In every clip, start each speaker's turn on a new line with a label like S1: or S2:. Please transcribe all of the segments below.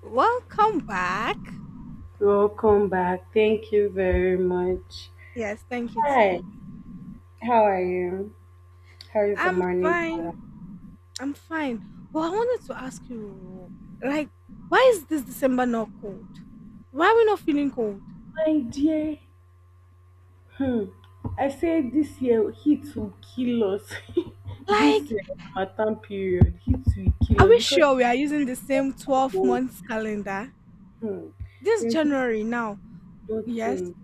S1: Welcome back.
S2: Welcome back. Thank you very much.
S1: Yes, thank you,
S2: Hi,
S1: Tim.
S2: how are you? How is the
S1: I'm
S2: morning?
S1: fine. I'm fine. But I wanted to ask you, like, why is this December not cold? Why are we not feeling cold?
S2: My dear, hmm, I said this year heat will kill us.
S1: Like,
S2: this Ramadan period, heat will kill
S1: are
S2: us
S1: we
S2: because
S1: sure we are using the same 12
S2: oh,
S1: months calendar?
S2: hmm,
S1: This
S2: there's
S1: January now,
S2: no
S1: yes,
S2: nothing.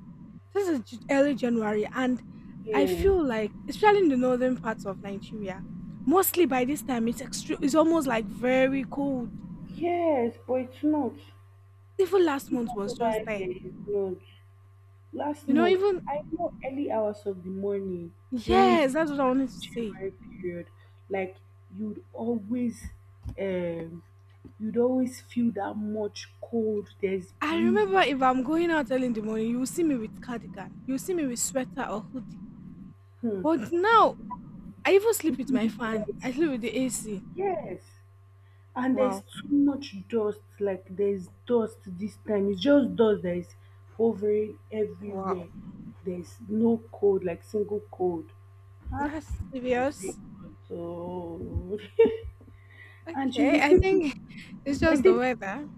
S1: this is early January, and I
S2: Yeah.
S1: feel like, especially in the northern parts of Nigeria, mostly by this time it's extreme. It's almost like very cold.
S2: Yes, but it's not.
S1: Even last
S2: Even
S1: month was
S2: over
S1: just there.
S2: here, it's not. Last
S1: You know,
S2: month,
S1: even
S2: I know early hours of the morning during
S1: yes, that's what I
S2: December
S1: wanted to
S2: to
S1: say.
S2: January period, like you'd always um you'd always feel that much cold, there's
S1: I
S2: breeze,
S1: remember if I'm going out early in the morning, you will see me with cardigan, you will see me with sweater or hoodie.
S2: hmm,
S1: But now, I even sleep with
S2: even
S1: my
S2: in the
S1: fan.
S2: night
S1: I sleep with
S2: heat.
S1: the AC.
S2: Yes. And there's
S1: Wow,
S2: too much dust, like there's dust this time. It's just dust that is hovering
S1: wow,
S2: everywhere. There's no cold, like single cold. Huh?
S1: that's
S2: I say,
S1: serious.
S2: God, oh. And
S1: Okay, I
S2: people,
S1: think it's
S2: I
S1: just the
S2: think,
S1: weather.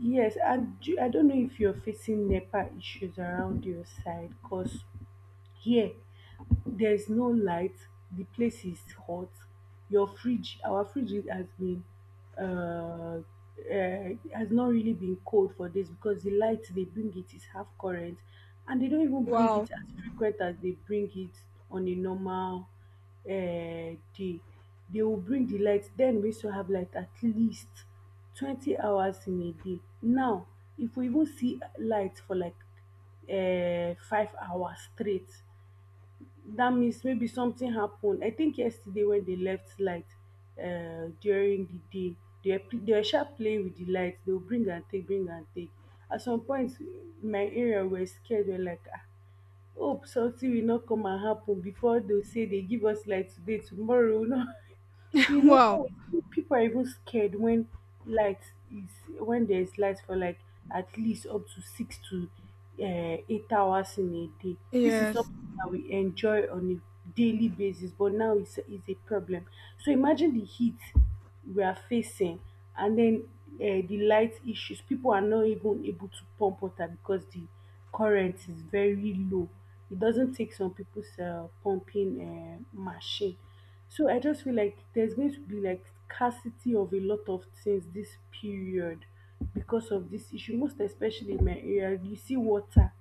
S2: yes, and I don't know if you're facing NEPA issues around your side because here, there's no light, the place is hot, our fridge uh, has not really been cold for days because the light they bring it is half current, and they don't even bring
S1: Wow,
S2: it as frequent as they bring it on a normal uh, day. They will bring the light. Then we used to have light at least 20 hours in a day. Now, if we even see light for like 5 hours straight, dat means maybe something happen. I think yesterday when they left light during the day, they were sharp playing with the light. They will bring and take, bring and take. At some point, my area were scared. We're like, ah, hope something will not come and happen before they say they give us light today, tomorrow. No. You know,
S1: wow.
S2: People are even scared light is when there is light for like at least up to six to 8 hours in a day. This is
S1: Yes,
S2: something that we enjoy on a daily basis, but now it's is a problem. So imagine the heat we are facing, and then the light issues. People are not even able to pump water because the current is very low. It doesn't take some people's pumping machine. So I just feel like there's going to be like scarcity of a lot of things this period because of this issue, most especially in my area. You see water,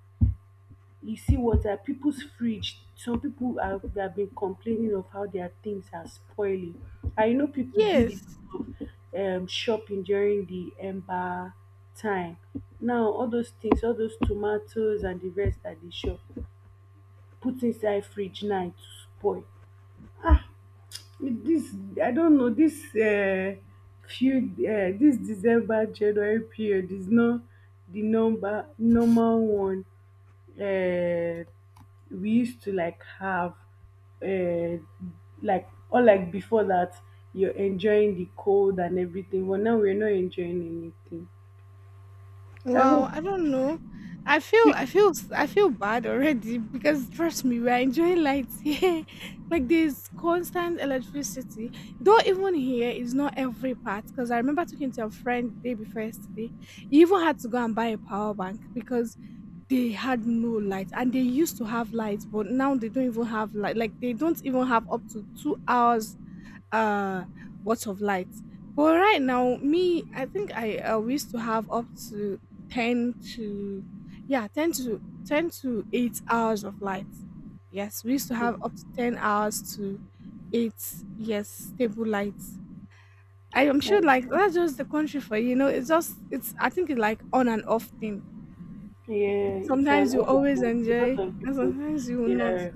S2: people's fridge. They have been complaining of how their things are spoiling. I know people did a
S1: yes.
S2: lot of shopping during the ember time. Now all those things, all those tomatoes and the rest that they shop, put inside fridge now to spoil. With this, I don't know, this December January period is not the number normal one, uh, we used to like have uh, like or like before that you're enjoying the cold and everything, but now we're not enjoying anything. I
S1: Wow,
S2: hope.
S1: I don't know. I feel I feel bad already because trust me, we're enjoying lights here. Like there's constant electricity. Though even here is not every part because I remember talking to a friend day before yesterday. He even had to go and buy a power bank because they had no light and they used to have lights, but now they don't even have light. Like they don't even have up to 2 hours uh watts of light, but right now me, I think I we used to have up to 10 to yeah 10 to 10 to 8 hours of light. Yes, we used to have up to 10 hours to 8, yes, stable light. I am sure
S2: Like,
S1: like that's just the country for you, know it's just it's I think it's like on and off thing.
S2: yeah, it's
S1: Sometimes
S2: an
S1: you always
S2: honor. A
S1: enjoy
S2: lot of
S1: and
S2: people,
S1: sometimes you will not.
S2: yes,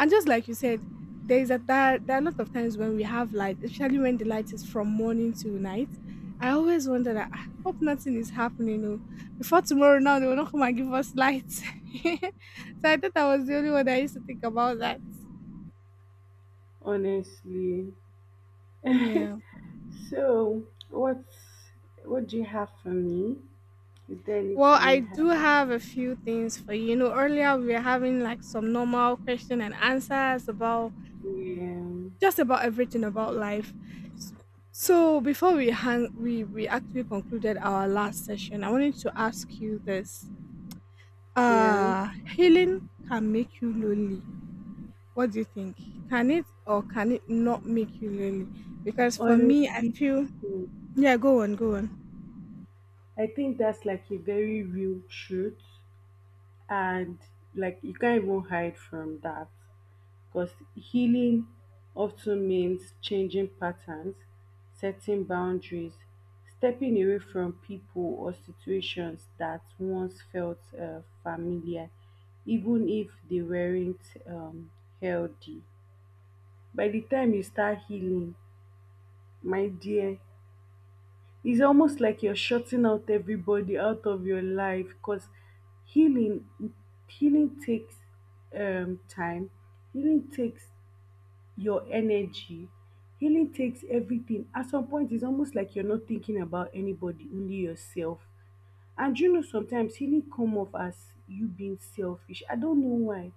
S1: And just like you said, there is a there are a lot of times when we have light, especially when the light is from morning to night. I always wonder that, "Ah, hope nothing is happening. Oh. Before tomorrow now they will not come and give us lights." So I thought I was the only one that used to think about that.
S2: honestly.
S1: Yeah.
S2: So, what's what do you have for me? Is there
S1: Well,
S2: anything
S1: I
S2: you have?
S1: do have a few things for you. You know, earlier we were having like some normal question and answers about
S2: Um,
S1: just about everything about life. S- So before we hang, we actually concluded our last session. I wanted to ask you this:
S2: yeah,
S1: healing can make you lonely. What do you think? Can it or can it not make you lonely? Because for me, I
S2: honestly,
S1: feel yeah. Go on, go on.
S2: I think that's like a very real truth, and like you can't even hide from that. Because healing often means changing patterns, setting boundaries, stepping away from people or situations that once felt familiar, even if they weren't um, healthy. By the time you start healing, my dear, it's almost like you're shutting out everybody out of your life because healing healing takes time. Healing takes your energy. Healing takes everything. At some point, it's almost like you're not thinking about anybody, only yourself. And you know, sometimes healing come off as you being selfish. I don't know why,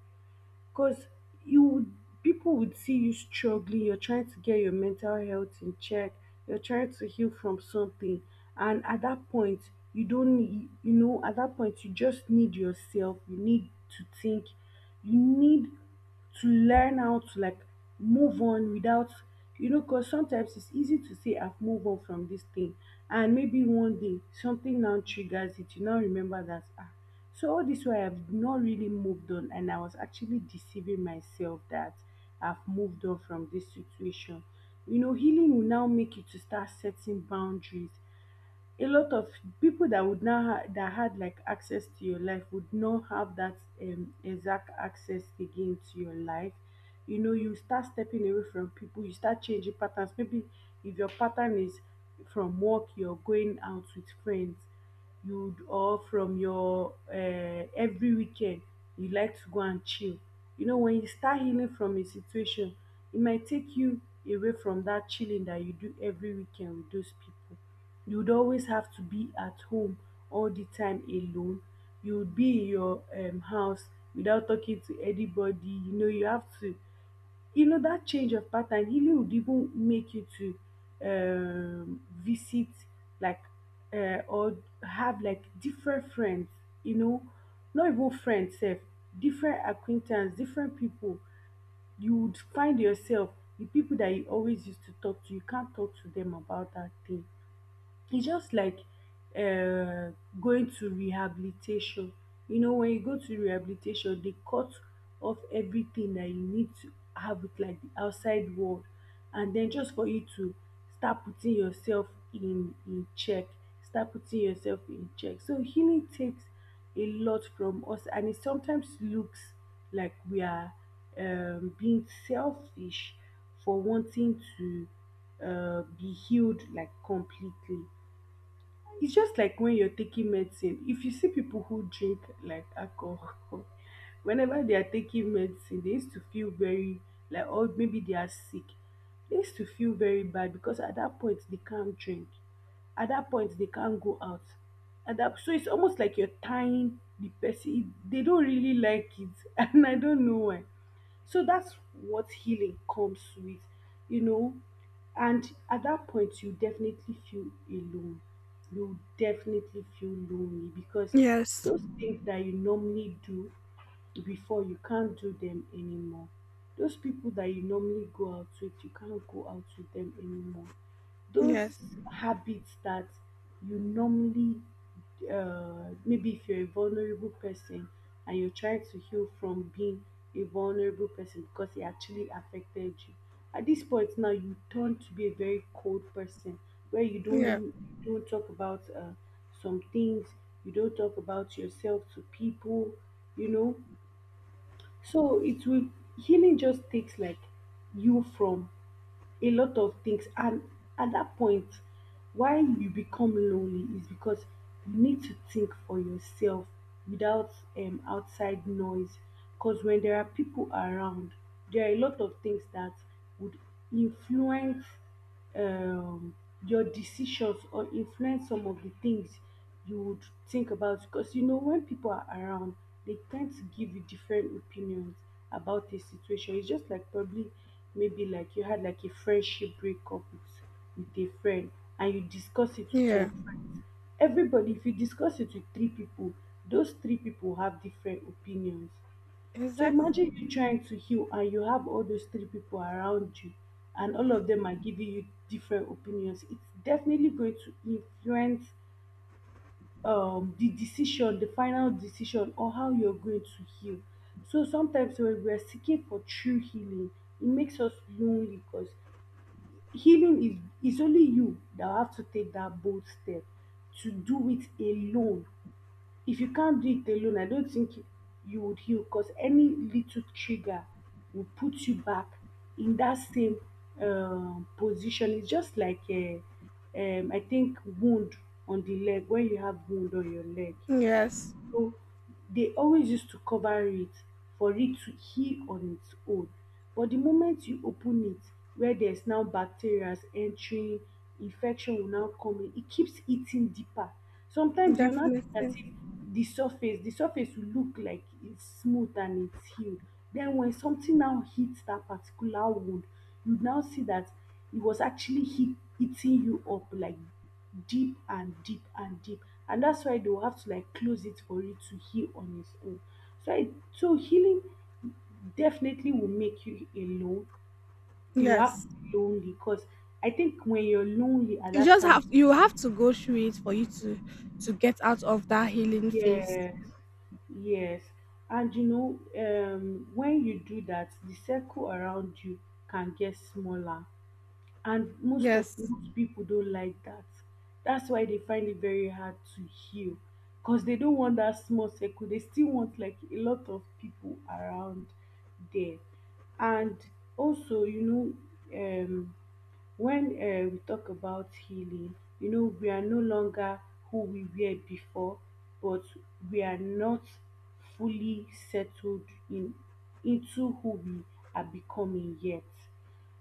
S2: because you would people would see you struggling. You're trying to get your mental health in check. You're trying to heal from something, and at that point, you don't need. At that point, you just need yourself. You need to think. You need to learn how to like move on without because sometimes it's easy to say I've moved on from this thing, and maybe one day something now triggers it. You now remember that, ah, so all this way I've not really moved on, and I was actually deceiving myself that I've moved on from this situation. Healing will now make you to start setting boundaries. A lot of people that would now ha- that had like access to your life would not have that exact access again to your life. You start stepping away from people. You start changing patterns. Maybe if your pattern is from work you're going out with friends, you or from your every weekend you like to go and chill. When you start healing from a situation, it might take you away from that chilling that you do every weekend with those people. You'd always have to be at home all the time alone. You'd be in your house without talking to anybody, you know, you have to you know, that change of pattern really would even make you to visit, like, or have like different friends, you know, not even friends sef, different acquaintance, different pipu. You would find yourself, the pipu dat you always used to talk to, you can't talk to dem about dat thing. It's just like um going to rehabilitation. When you go to rehabilitation, they cut off everything that you need to have with like the outside world. And then just for you to start putting yourself in check, start putting yourself in check. So healing takes a lot from us, and it sometimes looks like we are being selfish for wanting to be healed like completely. It's just like when you're taking medicine. If you see people who drink like alcohol, whenever they are taking medicine, they used to feel very, like, or maybe they are sick, they used to feel very bad because at that point they can't drink, at that point they can't go out, at that so it's almost like you're tying the person. They don't really like it. And I don't know why. So that's what healing comes with, you know. And at that point, you definitely feel alone. You definitely feel lonely because
S1: Yes,
S2: those things that you normally do before, you can't do them anymore. Those people that you normally go out with, you can't go out with them anymore. Those
S1: yes,
S2: habits that you normally maybe, if you're a vulnerable person and you're trying to heal from being a vulnerable person because it actually affected you, at this point now you turn to be a very cold person, where
S1: yeah,
S2: you don't talk about some things, you don't talk about yourself to people. you know so it will Healing just takes like you from a lot of things, and at that point why you become lonely is because you need to think for yourself without outside noise. Because when there are people around, there are a lot of things that would influence um, your decisions or influence some of the things you would think about, because when people are around, they tend to give you different opinions about a situation. It's just like, probably, maybe like you had like a friendship breakup with a friend, and you discuss it with your
S1: yeah.
S2: friends. Everybody, if you discuss it with three people, those three people have different opinions. So
S1: Exactly.
S2: imagine you trying to heal and you have all those three people around you, and all of them are giving you different opinions. It's definitely going to influence the decision, the final decision or how you're going to heal. So sometimes when we're seeking for true healing, it makes us lonely because healing is only you that have to take that bold step to do it alone. If you can't do it alone, I don't think you would heal because any little trigger will put you back in that same position. It's just like I think, wound on the leg. When you have wound on your leg,
S1: Yes,
S2: so they always used to cover it for it to heal on its own. But the moment you open it, where there's now bacteria entering, infection will now come in. It keeps eating deeper. Sometimes you'll not think as
S1: definitely.
S2: if the surface, will look like it's smooth and it's healed. Then when something now hits that particular wound, you now see that it was actually hit, eating you up like deep and deep and deep. And that's why they will have to like close it for it to heal on its own. So I, so healing definitely will make you alone. You have to
S1: Yes,
S2: be lonely because I think when you're lonely at that time,
S1: you have to go through it for you to get out of that healing phase.
S2: yes, yes. And you know, when you do that, the circle around you can get smaller. And
S1: Yes,
S2: most people don't like that. That's why they find it very hard to heal, because they don't want that small circle. They still want like a lot of people around there. And also, know um when we talk about healing, we are no longer who we were before, but we are not fully settled in into who we are becoming yet.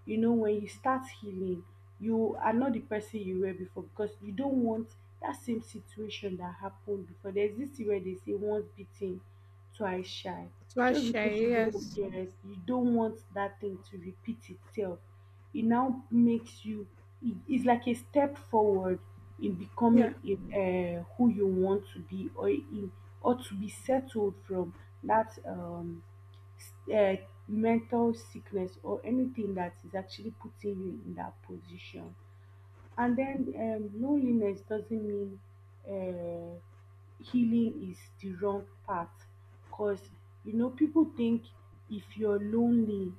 S2: You know, when you start healing, you are not the person you were before, because you don't want that same situation that happened before. There's this thing where they say once bitten, twice shy. Just because you
S1: Tuashe,
S2: don't
S1: yes.
S2: yes, you don't want that thing to repeat itself. It now makes you it- It's like a step forward in becoming
S1: Yeah.
S2: who you want to be, or to be settled from that s- uh, mental sickness or anything that is actually putting you in that position. And then, loneliness doesn't mean uh, healing is the wrong path, because you know people think if you're lonely,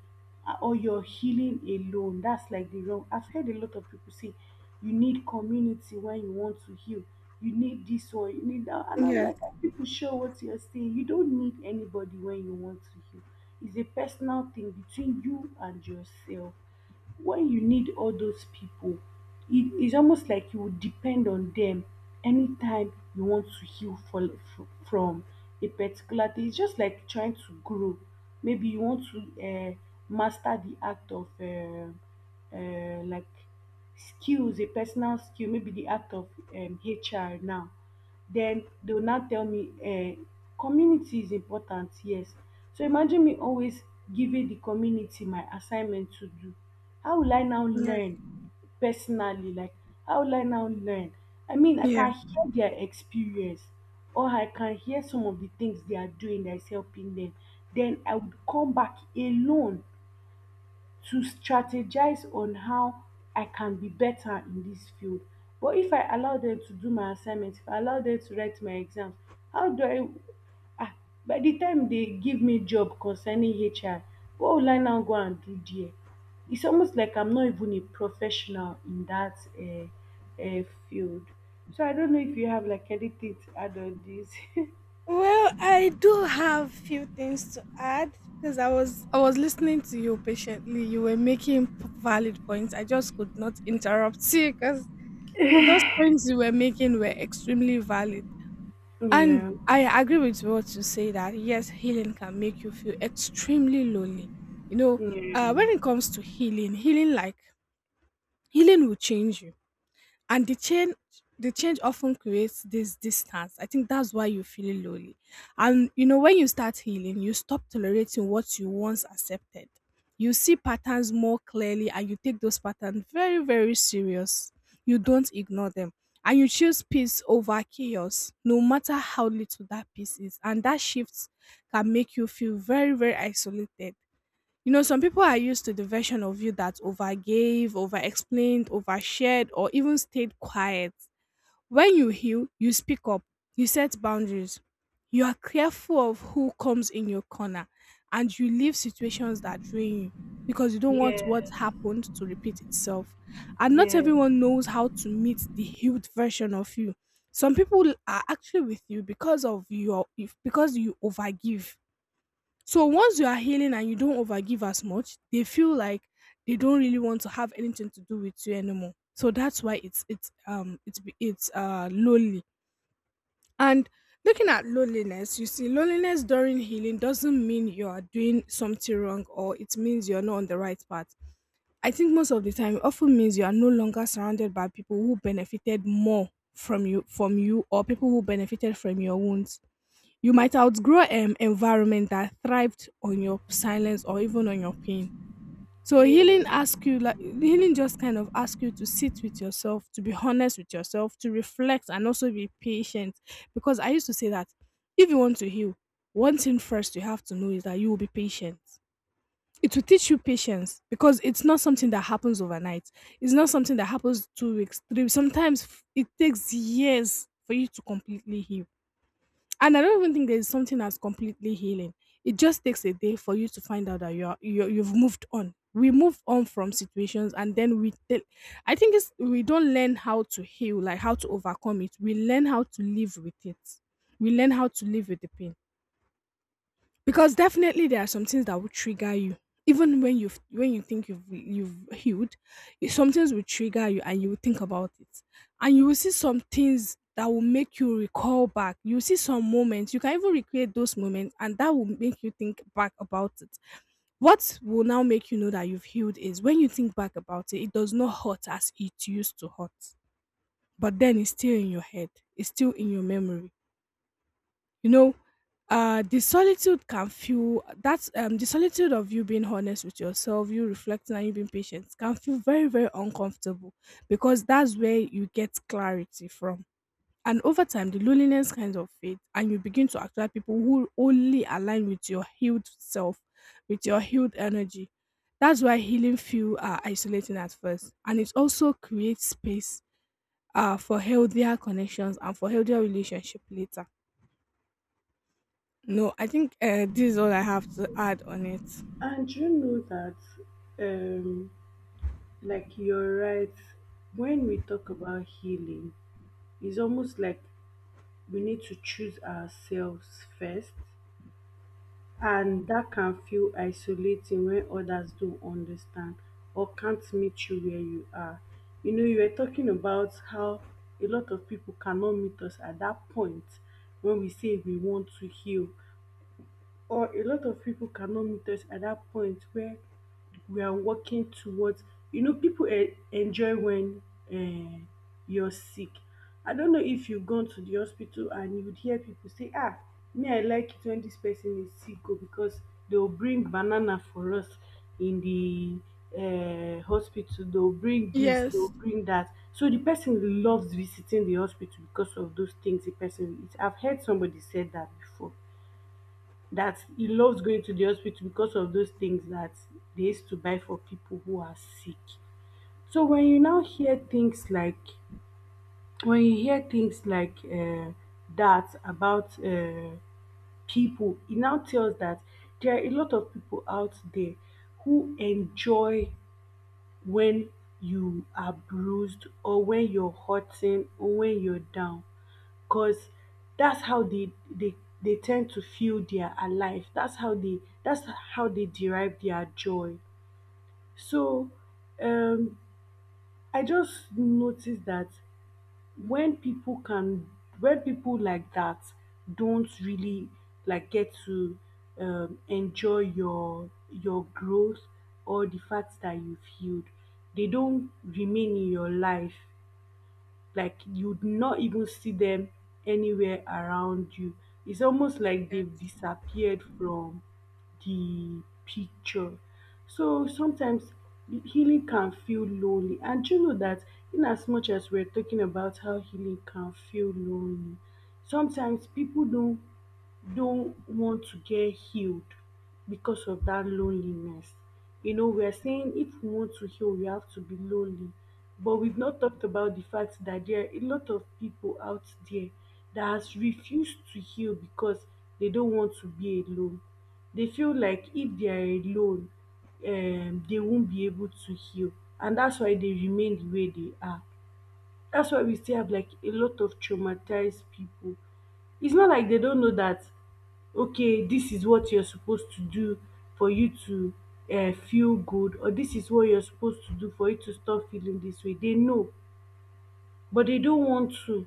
S2: or you're healing alone, that's like the wrong. I've heard a lot of people say you need community when you want to heal, you need this or you need that, and I'm
S1: Yes.
S2: like, are people sure what you're saying? You don't need anybody when you want to heal. It's a personal thing between you and yourself. When you need all those people, it's almost like you would depend on them anytime you want to heal from a particular thing. It's just like trying to grow. Maybe you want to master the act of like skills, a personal skill, maybe the act of HR. Now then they will now tell me, community is important, yes. So imagine me always giving the community my assignment to do. How will I now
S1: Yes.
S2: learn personally? Like, how will I now learn? I mean, I
S1: Yeah.
S2: can hear their experience, or I can hear some of the things they are doing that is helping them. Then I would come back alone to strategize on how I can be better in this field. But if I allow them to do my assignments, if I allow them to write my exams, how do I? ah by the time they give me job concerning HR, what will I now go and do there? It's almost like I'm not even a professional in that field. So I don't know if you have like anything to add on this.
S1: Well, I do have few things to add because I was listening to you patiently. You were making valid points. I just could not interrupt you because those points you were making were extremely valid. And
S2: Yeah,
S1: I agree with what you say that yes, healing can make you feel extremely lonely. You know,
S2: yeah,
S1: when it comes to healing, healing will change you, and the change often creates this distance. I think that's why you feel lonely. And you know, when you start healing, you stop tolerating what you once accepted. You see patterns more clearly, and you take those patterns very, very serious. You don't ignore them, and you choose peace over chaos no matter how little that peace is. And that shift can make you feel very, very isolated. You know, some people are used to the version of you that overgave, overexplained, overshared, or even stayed quiet. When you heal, you speak up, you set boundaries, you are careful of who comes in your corner, and you leave situations that drain you because you don't want
S2: yeah,
S1: what happened to repeat itself. And not
S2: yeah,
S1: everyone knows how to meet the healed version of you. Some people are actually with you because of your if because you overgive, so once you are healing and you don't overgive as much, they feel like they don't really want to have anything to do with you anymore. So that's why it's lonely. And looking at loneliness, you see, loneliness during healing doesn't mean you are doing something wrong or it means you're not on the right path. I think most of the time it often means you are no longer surrounded by people who benefited more from you, or people who benefited from your wounds. You might outgrow an environment that thrived on your silence or even on your pain. So
S2: yeah.
S1: healing asks you like healing just kind of asks you to sit with yourself, to be honest with yourself, to reflect, and also be patient. Because I used to say that if you want to heal, one thing first you have to know is that you will be patient. It will teach you patience because it's not something that happens overnight. It's not something that happens 2 weeks, three. Sometimes it takes years for you to completely heal. And I don't even think there's something that's completely healing. It just takes a day for you to find out that you've moved on. We move on from situations, and then we. Tell, I think it's we don't learn how to heal, like how to overcome it. We learn how to live with it. We learn how to live with the pain because definitely there are some things that will trigger you even when you think you've healed. Some things will trigger you and you will think about it, and you will see some things that will make you recall back. You see some moments, you can even recreate those moments, and that will make you think back about it. What will now make you know that you've healed is when you think back about it, it does not hurt as it used to hurt. But then it's still in your head, it's still in your memory, you know. The solitude can feel that's the solitude of you being honest with yourself, you reflecting and you being patient can feel very, very uncomfortable because that's where you get clarity from. And over time the loneliness kind of fades and you begin to attract people who only align with your healed self, with your healed energy. That's why healing feel are isolating at first, and it also creates space for healthier connections and for healthier relationship later. No, I think this is all I have to add on it.
S2: And you know that, um, like, you're right, when we talk about healing, it's almost like we need to choose ourselves first, and that can feel isolating when others don't understand or can't meet you where you are. You know, you were talking about how a lot of people cannot meet us at that point when we say we want to heal, or a lot of people cannot meet us at that point where we are working towards. People enjoy when um you're sick. I don't know if you've gone to the hospital and you'd hear people say, ah, me, I like it when this person is sick, oh, because they'll bring banana for us in the hospital. They'll bring this, they'll
S1: Yes.
S2: bring that. So the person loves visiting the hospital because of those things the person eats. I've heard somebody said that before, that he loves going to the hospital because of those things that they used to buy for people who are sick. So when you now hear things like, when you hear things like that about people, it now tells that there are a lot of people out there who enjoy when you are bruised, or when you're hurting, or when you're down, because that's how they tend to feel they are alive. That's how they derive their joy. So, um I just noticed that when people can when people like that don't really like get to enjoy your growth or the fact that you've healed, they don't remain in your life, like you'd not even see them anywhere around you. It's almost like they've
S1: Yes.
S2: disappeared from the picture. So sometimes healing can feel lonely. And you know that, in as much as we're talking about how healing can feel lonely, sometimes people don't want to get healed because of that loneliness. You know, we are saying if we want to heal, we have to be lonely. But we've not talked about the fact that there are a lot of people out there that has refused to heal because they don't want to be alone. They feel like if they are alone, they won't be able to heal. And that's why they remain the way they are. That's why we still have like a lot of traumatized people. It's not like they don't know that, okay, this is what you're supposed to do for you to feel good, or this is what you're supposed to do for you to stop feeling this way. They know, but they don't want to,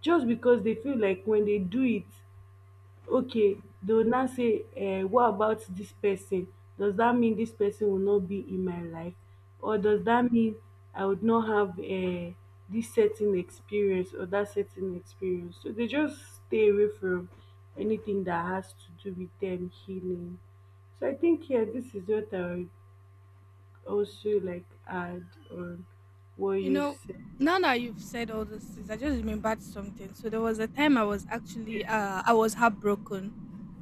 S2: just because they feel like when they do it, okay, they will now say, What about this person? Does that mean this person will not be in my life? Or does that mean I would not have this certain experience or that certain experience?" So they just stay away from anything that has to do with them healing. So I think here, this is what I would also like add on what
S1: You
S2: you
S1: know,
S2: said.
S1: now that you've said all those things, I just remembered something. So there was a time I was actually I was heartbroken,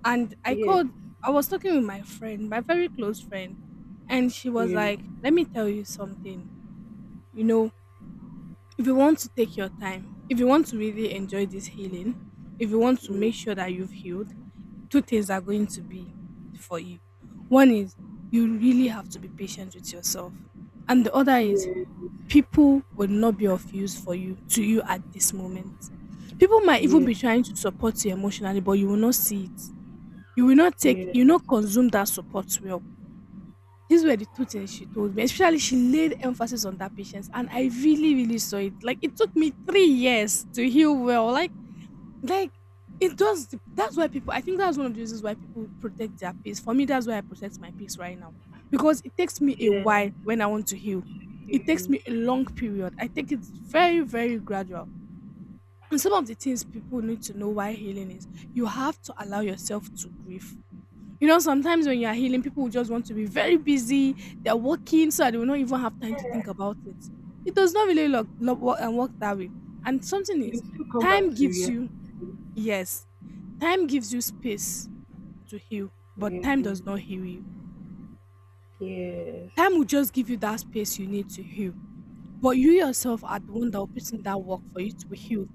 S1: and I
S2: Yes.
S1: called I was talking with my friend, my very close friend, and she was
S2: Yeah.
S1: like, "Let me tell you something. You know, if you want to take your time, if you want to really enjoy this healing, if you want to make sure
S2: Mm,
S1: that you've healed, two things are going to be for you. One is you really have to be patient with yourself, and the other is
S2: yes.
S1: people will not be of use for you at this moment. People might even
S2: Yes,
S1: be trying to support you emotionally, but you will not see it. You will not take,
S2: yes,
S1: you will not consume that support well." These were the two things she told me. Especially, she laid emphasis on that patience, and I really, really saw it. Like it took me 3 years to heal well. Like it does. That's why people. I think that's one of the reasons why people protect their peace. For me, that's why I protect my peace right now, because it takes me a
S2: yes.
S1: while when I want to heal. It takes
S2: You.
S1: me a long period. I think it's very, very gradual. And some of the things people need to know why healing is, you have to allow yourself to grieve. You know, sometimes when you are healing, people will just want to be very busy. They're working, so they will not even have time to think about it. It does not really work and work that way. And something
S2: You
S1: is,
S2: still come
S1: time
S2: back to
S1: gives
S2: reality.
S1: you yes, time gives you space to heal, but time does not
S2: Um,
S1: heal you.
S2: Yes.
S1: Time will just give you that space you need to heal. But you yourself are the one that will put in that work for you to heal,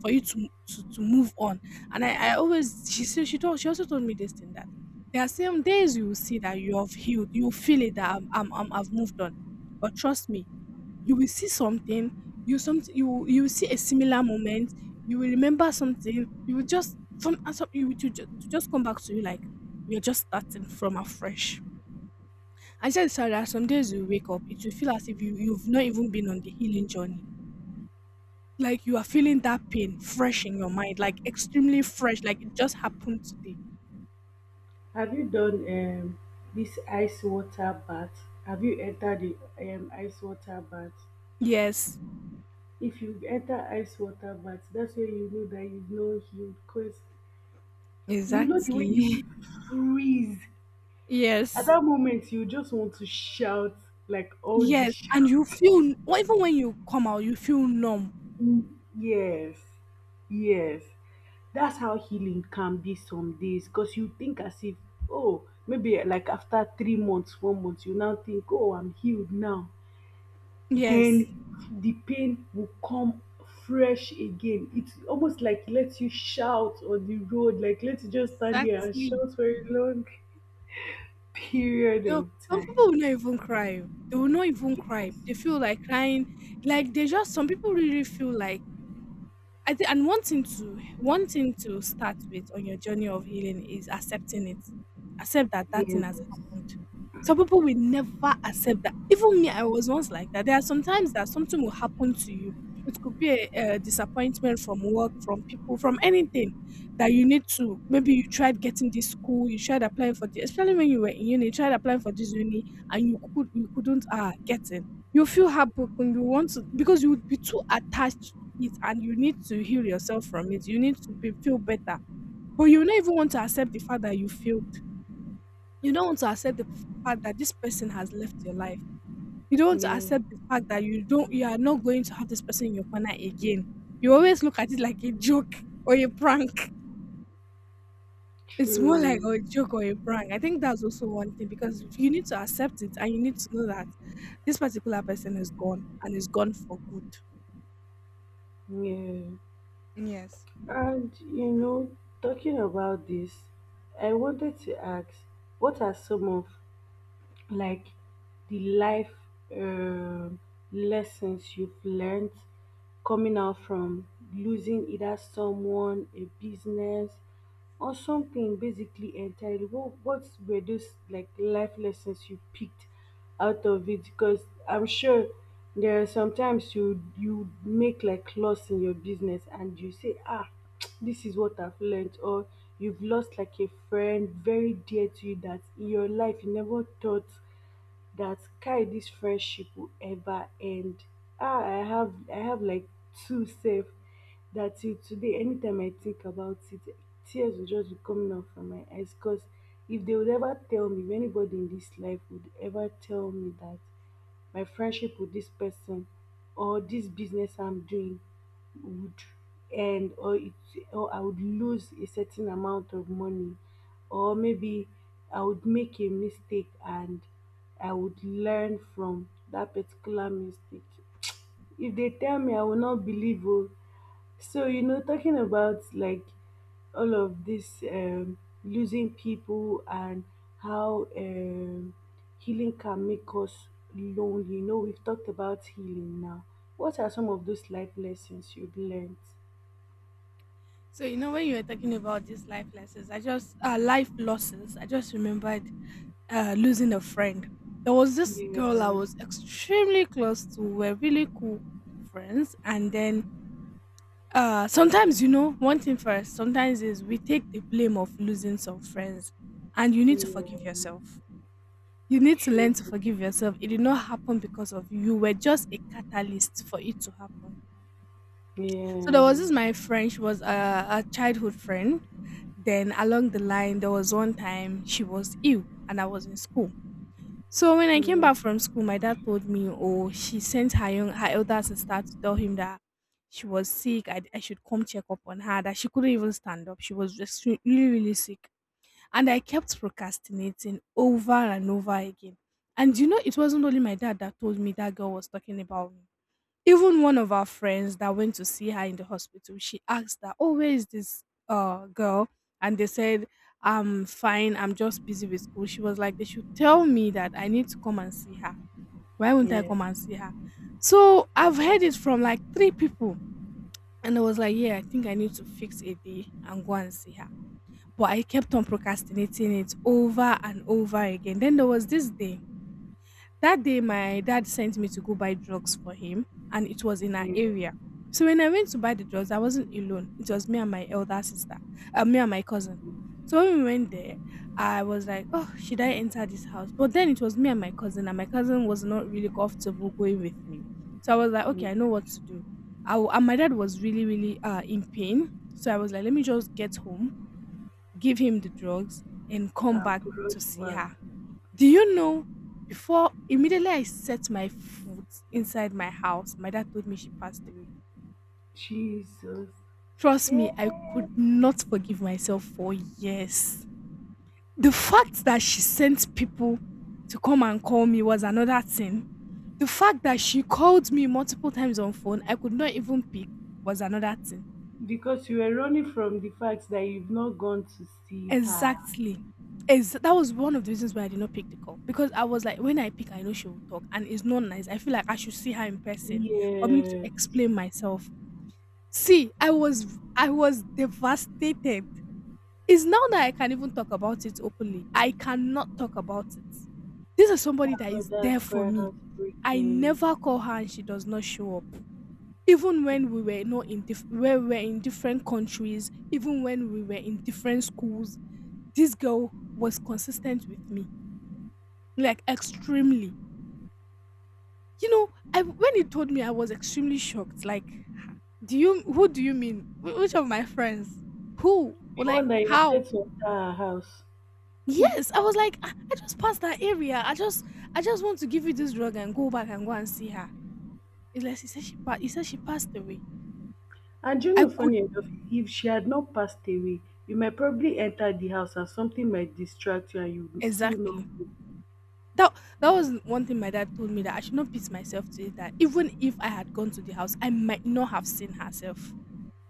S1: for you to to move on. And I always she said she told she also told me this thing that there are some days you will see that you have healed, you will feel it that I'm I've moved on. But trust me, you will see something, you will see a similar moment, you will remember something, you will just some and some you will to ju- to just come back to you like you're just starting from afresh. I said sorry that some days you wake up, it will feel as if you've not even been on the healing journey. Like you are feeling that pain fresh in your mind, like extremely fresh, like it just happened today.
S2: Have you done this ice water bath? Have you entered the ice water bath?
S1: Yes,
S2: If you enter ice water bath, that's where you know that you've not healed. Because you know the way
S1: exactly.
S2: you freeze. At
S1: Yes.
S2: that moment, you just want to shout like all the
S1: Yes, and you
S2: shout.
S1: feel well, even when you come out, you feel numb.
S2: Mm, yes, yes. That's how healing can be some days, because you think as if, oh, maybe like after 3 months, 4 months, you now think, oh, I'm healed now.
S1: Yes,
S2: Then the pain will come fresh again. It's almost like lets you shout on the road, like let you just stand there and
S1: exactly.
S2: shout for a long period
S1: You know,
S2: of
S1: some people
S2: time.
S1: will not even cry. Oh. They will not even cry.
S2: Yes.
S1: They feel like crying. Like they just some people really feel like I think and one thing to start with on your journey of healing is accepting it. Accept that that thing has
S2: Yes.
S1: happened. Some people will never accept that. Even me, I was once like that. There are some times that something will happen to you. It could be a disappointment from work, from people, from anything that you need to. Maybe you tried getting this school, you tried applying for this, especially when you were in uni, you tried applying for this uni and you couldn't get in. You feel heartbroken. You want to because you would be too attached it, and you need to heal yourself from it. You need to be feel better. But you don't even want to accept the fact that you failed. You don't want to accept the fact that this person has left your life. You don't want to
S2: Yeah.
S1: accept the fact that you are not going to have this person in your corner again. You always look at it like a joke or a prank. It's more like
S2: True.
S1: a joke or a prank. I think that's also one thing because you need to accept it and you need to know that this particular person is gone and is gone for good.
S2: Yeah.
S1: Yes.
S2: And you know, talking about this, I wanted to ask, what are some of, like, the life um lessons you've learned coming out from losing either someone, a business, or something basically entirely? What were those like life lessons you picked out of it? Because I'm sure there are sometimes you make like loss in your business and you say, ah, this is what I've learned, or you've lost like a friend very dear to you that in your life you never thought that, kai, this friendship will ever end. Ah, I have like two safe. That till today anytime I think about it, tears will just be coming out from my eyes, because if they would ever tell me, if anybody in this life would ever tell me that my friendship with this person, or this business I'm doing, would end, or I would lose a certain amount of money, or maybe I would make a mistake and I would learn from that particular mistake. If they tell me I will not believe, oh. So, you know, talking about like all of this, losing people, and how, healing can make us lonely. You know, we've talked about healing now. What are some of those life lessons you've learned?
S1: So you know when you were talking about these life lessons, I just life losses. I just remembered losing a friend. There was this
S2: Yeah,
S1: girl I was extremely close to. We're really cool friends, and then sometimes you know one thing first. Sometimes is we take the blame of losing some friends, and you need to
S2: yeah,
S1: forgive yourself. You need to learn
S2: true.
S1: to forgive yourself. It did not happen because of you. You were just a catalyst for it to happen. So there
S2: Yeah,
S1: was this my friend, she was a childhood friend. Then along the line, there was one time she was ill and I was in school. So when I came
S2: yeah,
S1: back from school, my dad told me, oh, she sent her elder sister to tell him that she was sick. I should come check up on her, that she couldn't even stand up. She was just really, really sick. And I kept procrastinating over and over again. And you know, it wasn't only my dad that told me that girl was talking about me. Even one of our friends that went to see her in the hospital, she asked that, "Oh, where is this girl?" And they said, "I'm fine. I'm just busy with school." She was like, "They should tell me that I need to come and see her. Why won't I
S2: yeah,
S1: come and see her?" So I've heard it from like three people, and I was like, "Yeah, I think I need to fix a day and go and see her." But I kept on procrastinating it over and over again. Then there was this day that day, my dad sent me to go buy drugs for him, and it was in our
S2: yeah,
S1: area. So when I went to buy the drugs, I wasn't alone. It was me and my elder sister, me and my cousin. So when we went there, I was like, "Oh, should I enter this house?" But then it was me and my cousin was not really comfortable going with me. So I was like, "Okay, I know
S2: yeah.
S1: what to do." And my dad was really, really in pain. So I was like, "Let me just get home, give him the drugs, and come
S2: And
S1: back to
S2: brush
S1: see
S2: back.
S1: her." Do you know, before immediately I set my foot inside my house, my dad told me she passed away.
S2: Jesus.
S1: Trust
S2: Hey.
S1: me, I could not forgive myself for years. The fact that she sent people to come and call me was another thing. The fact that she called me multiple times on phone, I could not even pick, was another thing.
S2: Because you were running from the fact that you've not gone to see her.
S1: Exactly. is that was one of the reasons why I did not pick the call because I was like, when I pick, I know she will talk, and it's not nice. I feel like I should see her in person for me to
S2: Yeah.
S1: explain myself. See, I was devastated. It's now that I can even talk about it openly. I cannot talk about it. This is somebody that
S2: Oh,
S1: is
S2: that's
S1: there for
S2: quite
S1: me. I never
S2: heartbreaking.
S1: call her and she does not show up. Even when we were not in diff- where we were in different countries, even when we were in different schools, this girl was consistent with me, like extremely. You know, I when he told me, I was extremely shocked. Like, do you who do you mean? Which of my friends? Who?
S2: The one
S1: Like
S2: that he
S1: how?
S2: wanted to enter her house.
S1: Yes, I was like, I just passed that area. I just want to give you this drug and go back and go and see her. It's like he said she passed away.
S2: And you
S1: I
S2: know,
S1: could.
S2: funny enough, if she had not passed away, you might probably enter the house and something might distract you and you will still not
S1: Exactly.
S2: go.
S1: That that was one thing my dad told me, that I should not beat myself to it. That even if I had gone to the house, I might not have seen herself.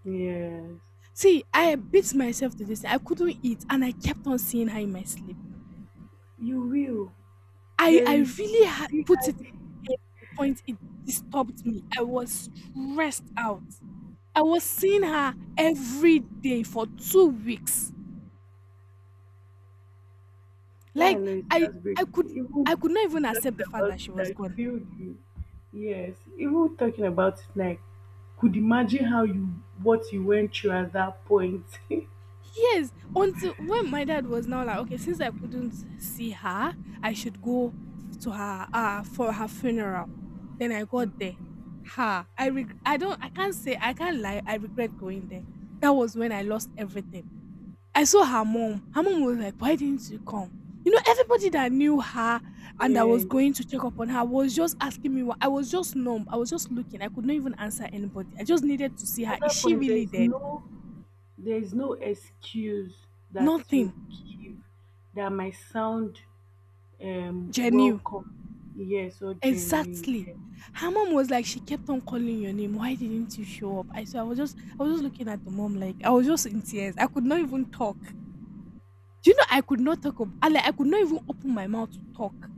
S2: Yes.
S1: See, I beat myself to this. I couldn't eat, and I kept on seeing her in my sleep.
S2: You will.
S1: I
S2: There
S1: I
S2: is
S1: really had
S2: still
S1: put it
S2: that-
S1: in the point it disturbed me. I was stressed out. I was seeing her every day for 2 weeks.
S2: Yeah, I
S1: Like
S2: know it's
S1: I I
S2: heartbreaking.
S1: could I
S2: Even
S1: could not even accept
S2: talking
S1: the fact
S2: about
S1: that she was
S2: it,
S1: gone.
S2: I feel you. Yes. Even talking about it, like, could imagine how you what you went through at that point.
S1: Yes, until when my dad was now like, okay, since I couldn't see her, I should go to her for her funeral. Then I got there. Ha! I reg- I don't I can't say I can't lie. I regret going there. That was when I lost everything. I saw her mom. Her mom was like, why didn't you come? You know, everybody that knew her and that was
S2: Yes.
S1: going to check up on her was just asking me. Why. I was just numb. I was just looking. I could not even answer anybody. I just needed to see her.
S2: At
S1: Is
S2: that
S1: she
S2: point,
S1: really dead?
S2: there's no excuse that you
S1: Nothing
S2: give that might sound
S1: genuine.
S2: welcome. Yes, or genuine.
S1: Exactly.
S2: Yes.
S1: Her mom was like, she kept on calling your name. Why didn't you show up? I was just looking at the mom like I was just in tears. I could not even talk. Do you know I could not talk ab- I, like, I could not even open my mouth to talk.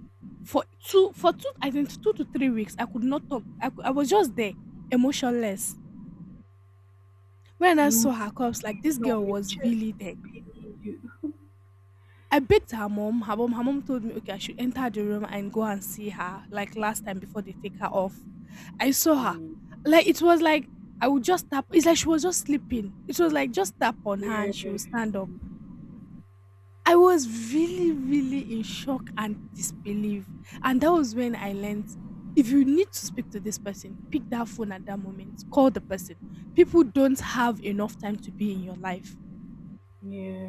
S1: For two I think 2 to 3 weeks I could not talk. I was just there, emotionless. When I
S2: You
S1: saw her cups, like this
S2: feel
S1: girl
S2: on your
S1: was
S2: chest
S1: really there.
S2: beating you.
S1: I begged her mom. Her mom told me, okay, I should enter the room and go and see her, like last time before they take her off. I saw her.
S2: Mm.
S1: Like it was like I would just tap. It's like she was just sleeping. It was like just tap on her
S2: Yeah.
S1: and she would stand up. I was really, really in shock and disbelief. And that was when I learned if you need to speak to this person, pick that phone at that moment, call the person. People don't have enough time to be in your life.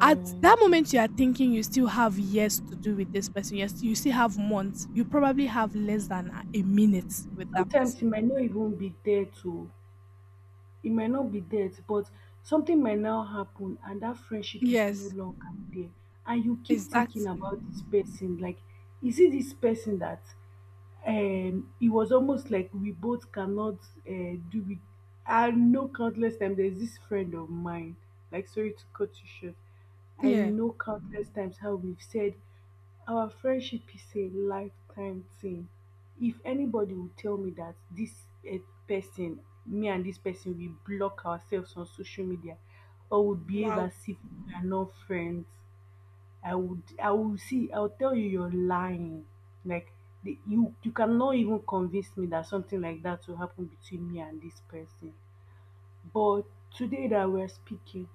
S1: At that moment you are thinking you still have years to do with this person, yes, you still have months, you probably have less than a minute with that
S2: Sometimes
S1: person.
S2: you might not even be there to It might not be death, but something might now happen and that friendship is no
S1: Yes,
S2: longer there. And you keep thinking
S1: exactly.
S2: about this person, like, is it this person that it was almost like we both cannot do it. I know countless times there's this friend of mine, like, sorry to cut you short. I
S1: Yeah.
S2: know countless times how we've said our friendship is a lifetime thing. If anybody will tell me that this, eh, person, me and this person, we block ourselves on social media or would behave
S1: Wow.
S2: as if we are not friends, I would I will see I'll tell you you're lying. Like, you cannot even convince me that something like that will happen between me and this person. But today that we're speaking,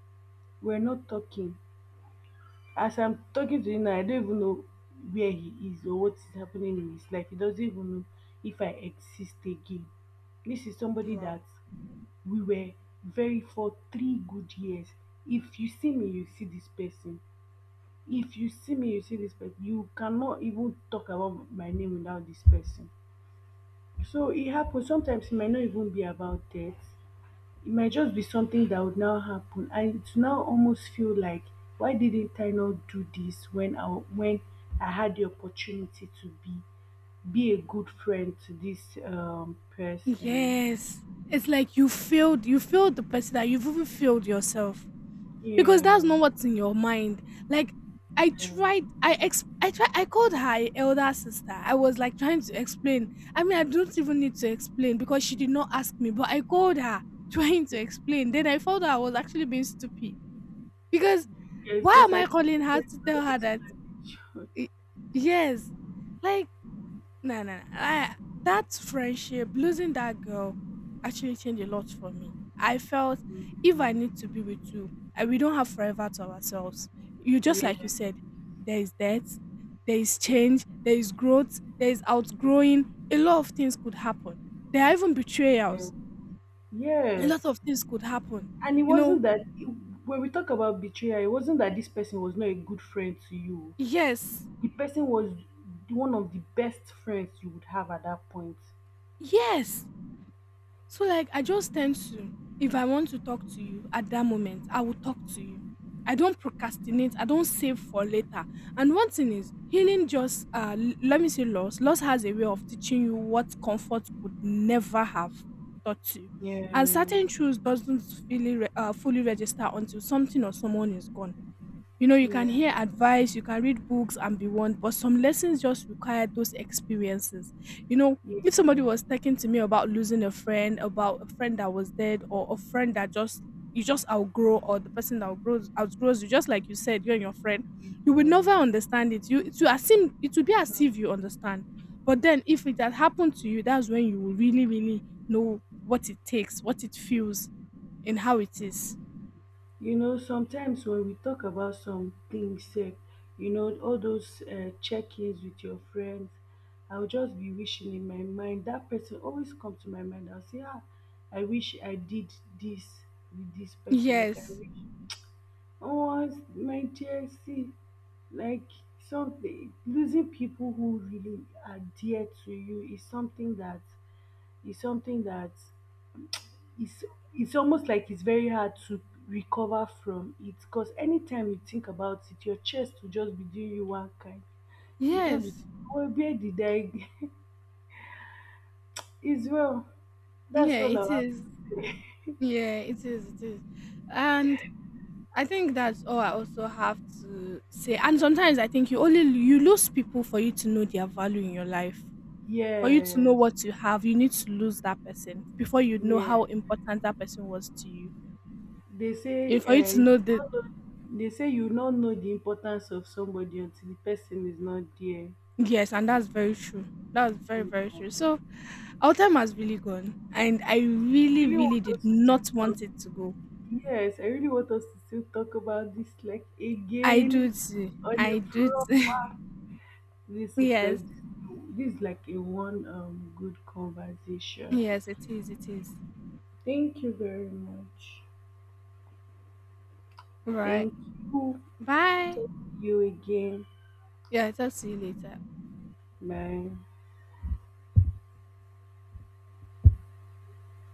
S2: we're not talking. As I'm talking to him now, I don't even know where he is or what is happening in his life. He doesn't even know if I exist again. This is somebody
S1: Wow.
S2: that we were, very, for 3 good years. If you see me, you see this person. If you see me, you see this person. You cannot even talk about my name without this person. So it happens. Sometimes it might not even be about death. It might just be something that would now happen, and it's now almost feel like, why didn't I not do this when I had the opportunity to be a good friend to this person.
S1: Yes, it's like you failed, you failed the person, that you've even failed yourself because
S2: Yeah,
S1: that's not what's in your mind. Like
S2: yes,
S1: I tried, I called her elder sister. I was like trying to explain. I mean, I don't even need to explain because she did not ask me, but I called her trying to explain. Then I found out I was actually being stupid because
S2: yes,
S1: why
S2: because
S1: am I
S2: I
S1: calling her
S2: there's
S1: to
S2: no
S1: tell her that?
S2: explanation.
S1: y- Yes, like no, no, no. That friendship, losing that girl, actually changed a lot for me. I felt if I need to
S2: Mm,
S1: be with you, we don't have forever to ourselves. You just like you said, there is death, there is change, there is growth, there is outgrowing. A lot of things could happen. There are even betrayals.
S2: yeah,
S1: A
S2: yes.
S1: lot of things could happen.
S2: And it
S1: You know,
S2: wasn't that, when we talk about betrayal, it wasn't that this person was not a good friend to you.
S1: yes,
S2: The person was one of the best friends you would have at that point.
S1: yes. So like I just tend to, if I want to talk to you at that moment, I will talk to you. I don't procrastinate. I don't save for later. And one thing is let me say loss. Loss has a way of teaching you what comfort could never have taught you.
S2: Yeah,
S1: And certain truths doesn't fully register until something or someone is gone. You know, you can
S2: yeah,
S1: hear advice, you can read books and be warned, but some lessons just require those experiences. You know,
S2: yeah,
S1: if somebody was talking to me about losing a friend, about a friend that was dead, or a friend that just you just outgrow, or the person that outgrows you, just like you said, you and your friend, you will
S2: yeah.
S1: never understand it. You it will assume it will be as if you understand. But then if it had happened to you, that's when you will really, really know what it takes, what it feels, and how it is.
S2: You know, sometimes when we talk about some things, sef, all those check ins with your friends, I'll just be wishing in my mind, that person always come to my mind. I'll say, ah, I wish I did this with this
S1: Yes.
S2: person, like I
S1: Yes.
S2: wish. Oh, it's my dear, see, like something, losing people who really are dear to you is something that is something that is it's almost like it's very hard to recover from it, because anytime you think about it, your chest will just be doing you one kind. You just be
S1: Yes.
S2: thinking, oh, where did I? It's well. That's
S1: Yeah,
S2: all I
S1: it
S2: have.
S1: is. It is. And I think that's all I also have to say. And sometimes I think you lose people for you to know their value in your life. For you to know
S2: Yes,
S1: what you have, you need to lose that person before you know
S2: yes.
S1: how important that person was to you.
S2: They say
S1: Yeah, for you
S2: uh,
S1: to
S2: you
S1: know the.
S2: don't know, they say you don't know the importance of somebody until the person is not there.
S1: Yes, and that's very true.
S2: Yeah.
S1: Very, true. So our time has really gone. And I
S2: I
S1: really,
S2: really
S1: really
S2: want
S1: did
S2: us to still
S1: not
S2: talk.
S1: want it to go.
S2: Yes, I really want us to still talk about this like
S1: I do
S2: again,
S1: too.
S2: on a
S1: I do too.
S2: proper, this, because
S1: Yes.
S2: this is like a one good conversation.
S1: Yes, it is, it is.
S2: Thank you very much.
S1: Right.
S2: Thank you.
S1: Bye.
S2: Talk to you again.
S1: Yeah, I'll talk to you later.
S2: Bye.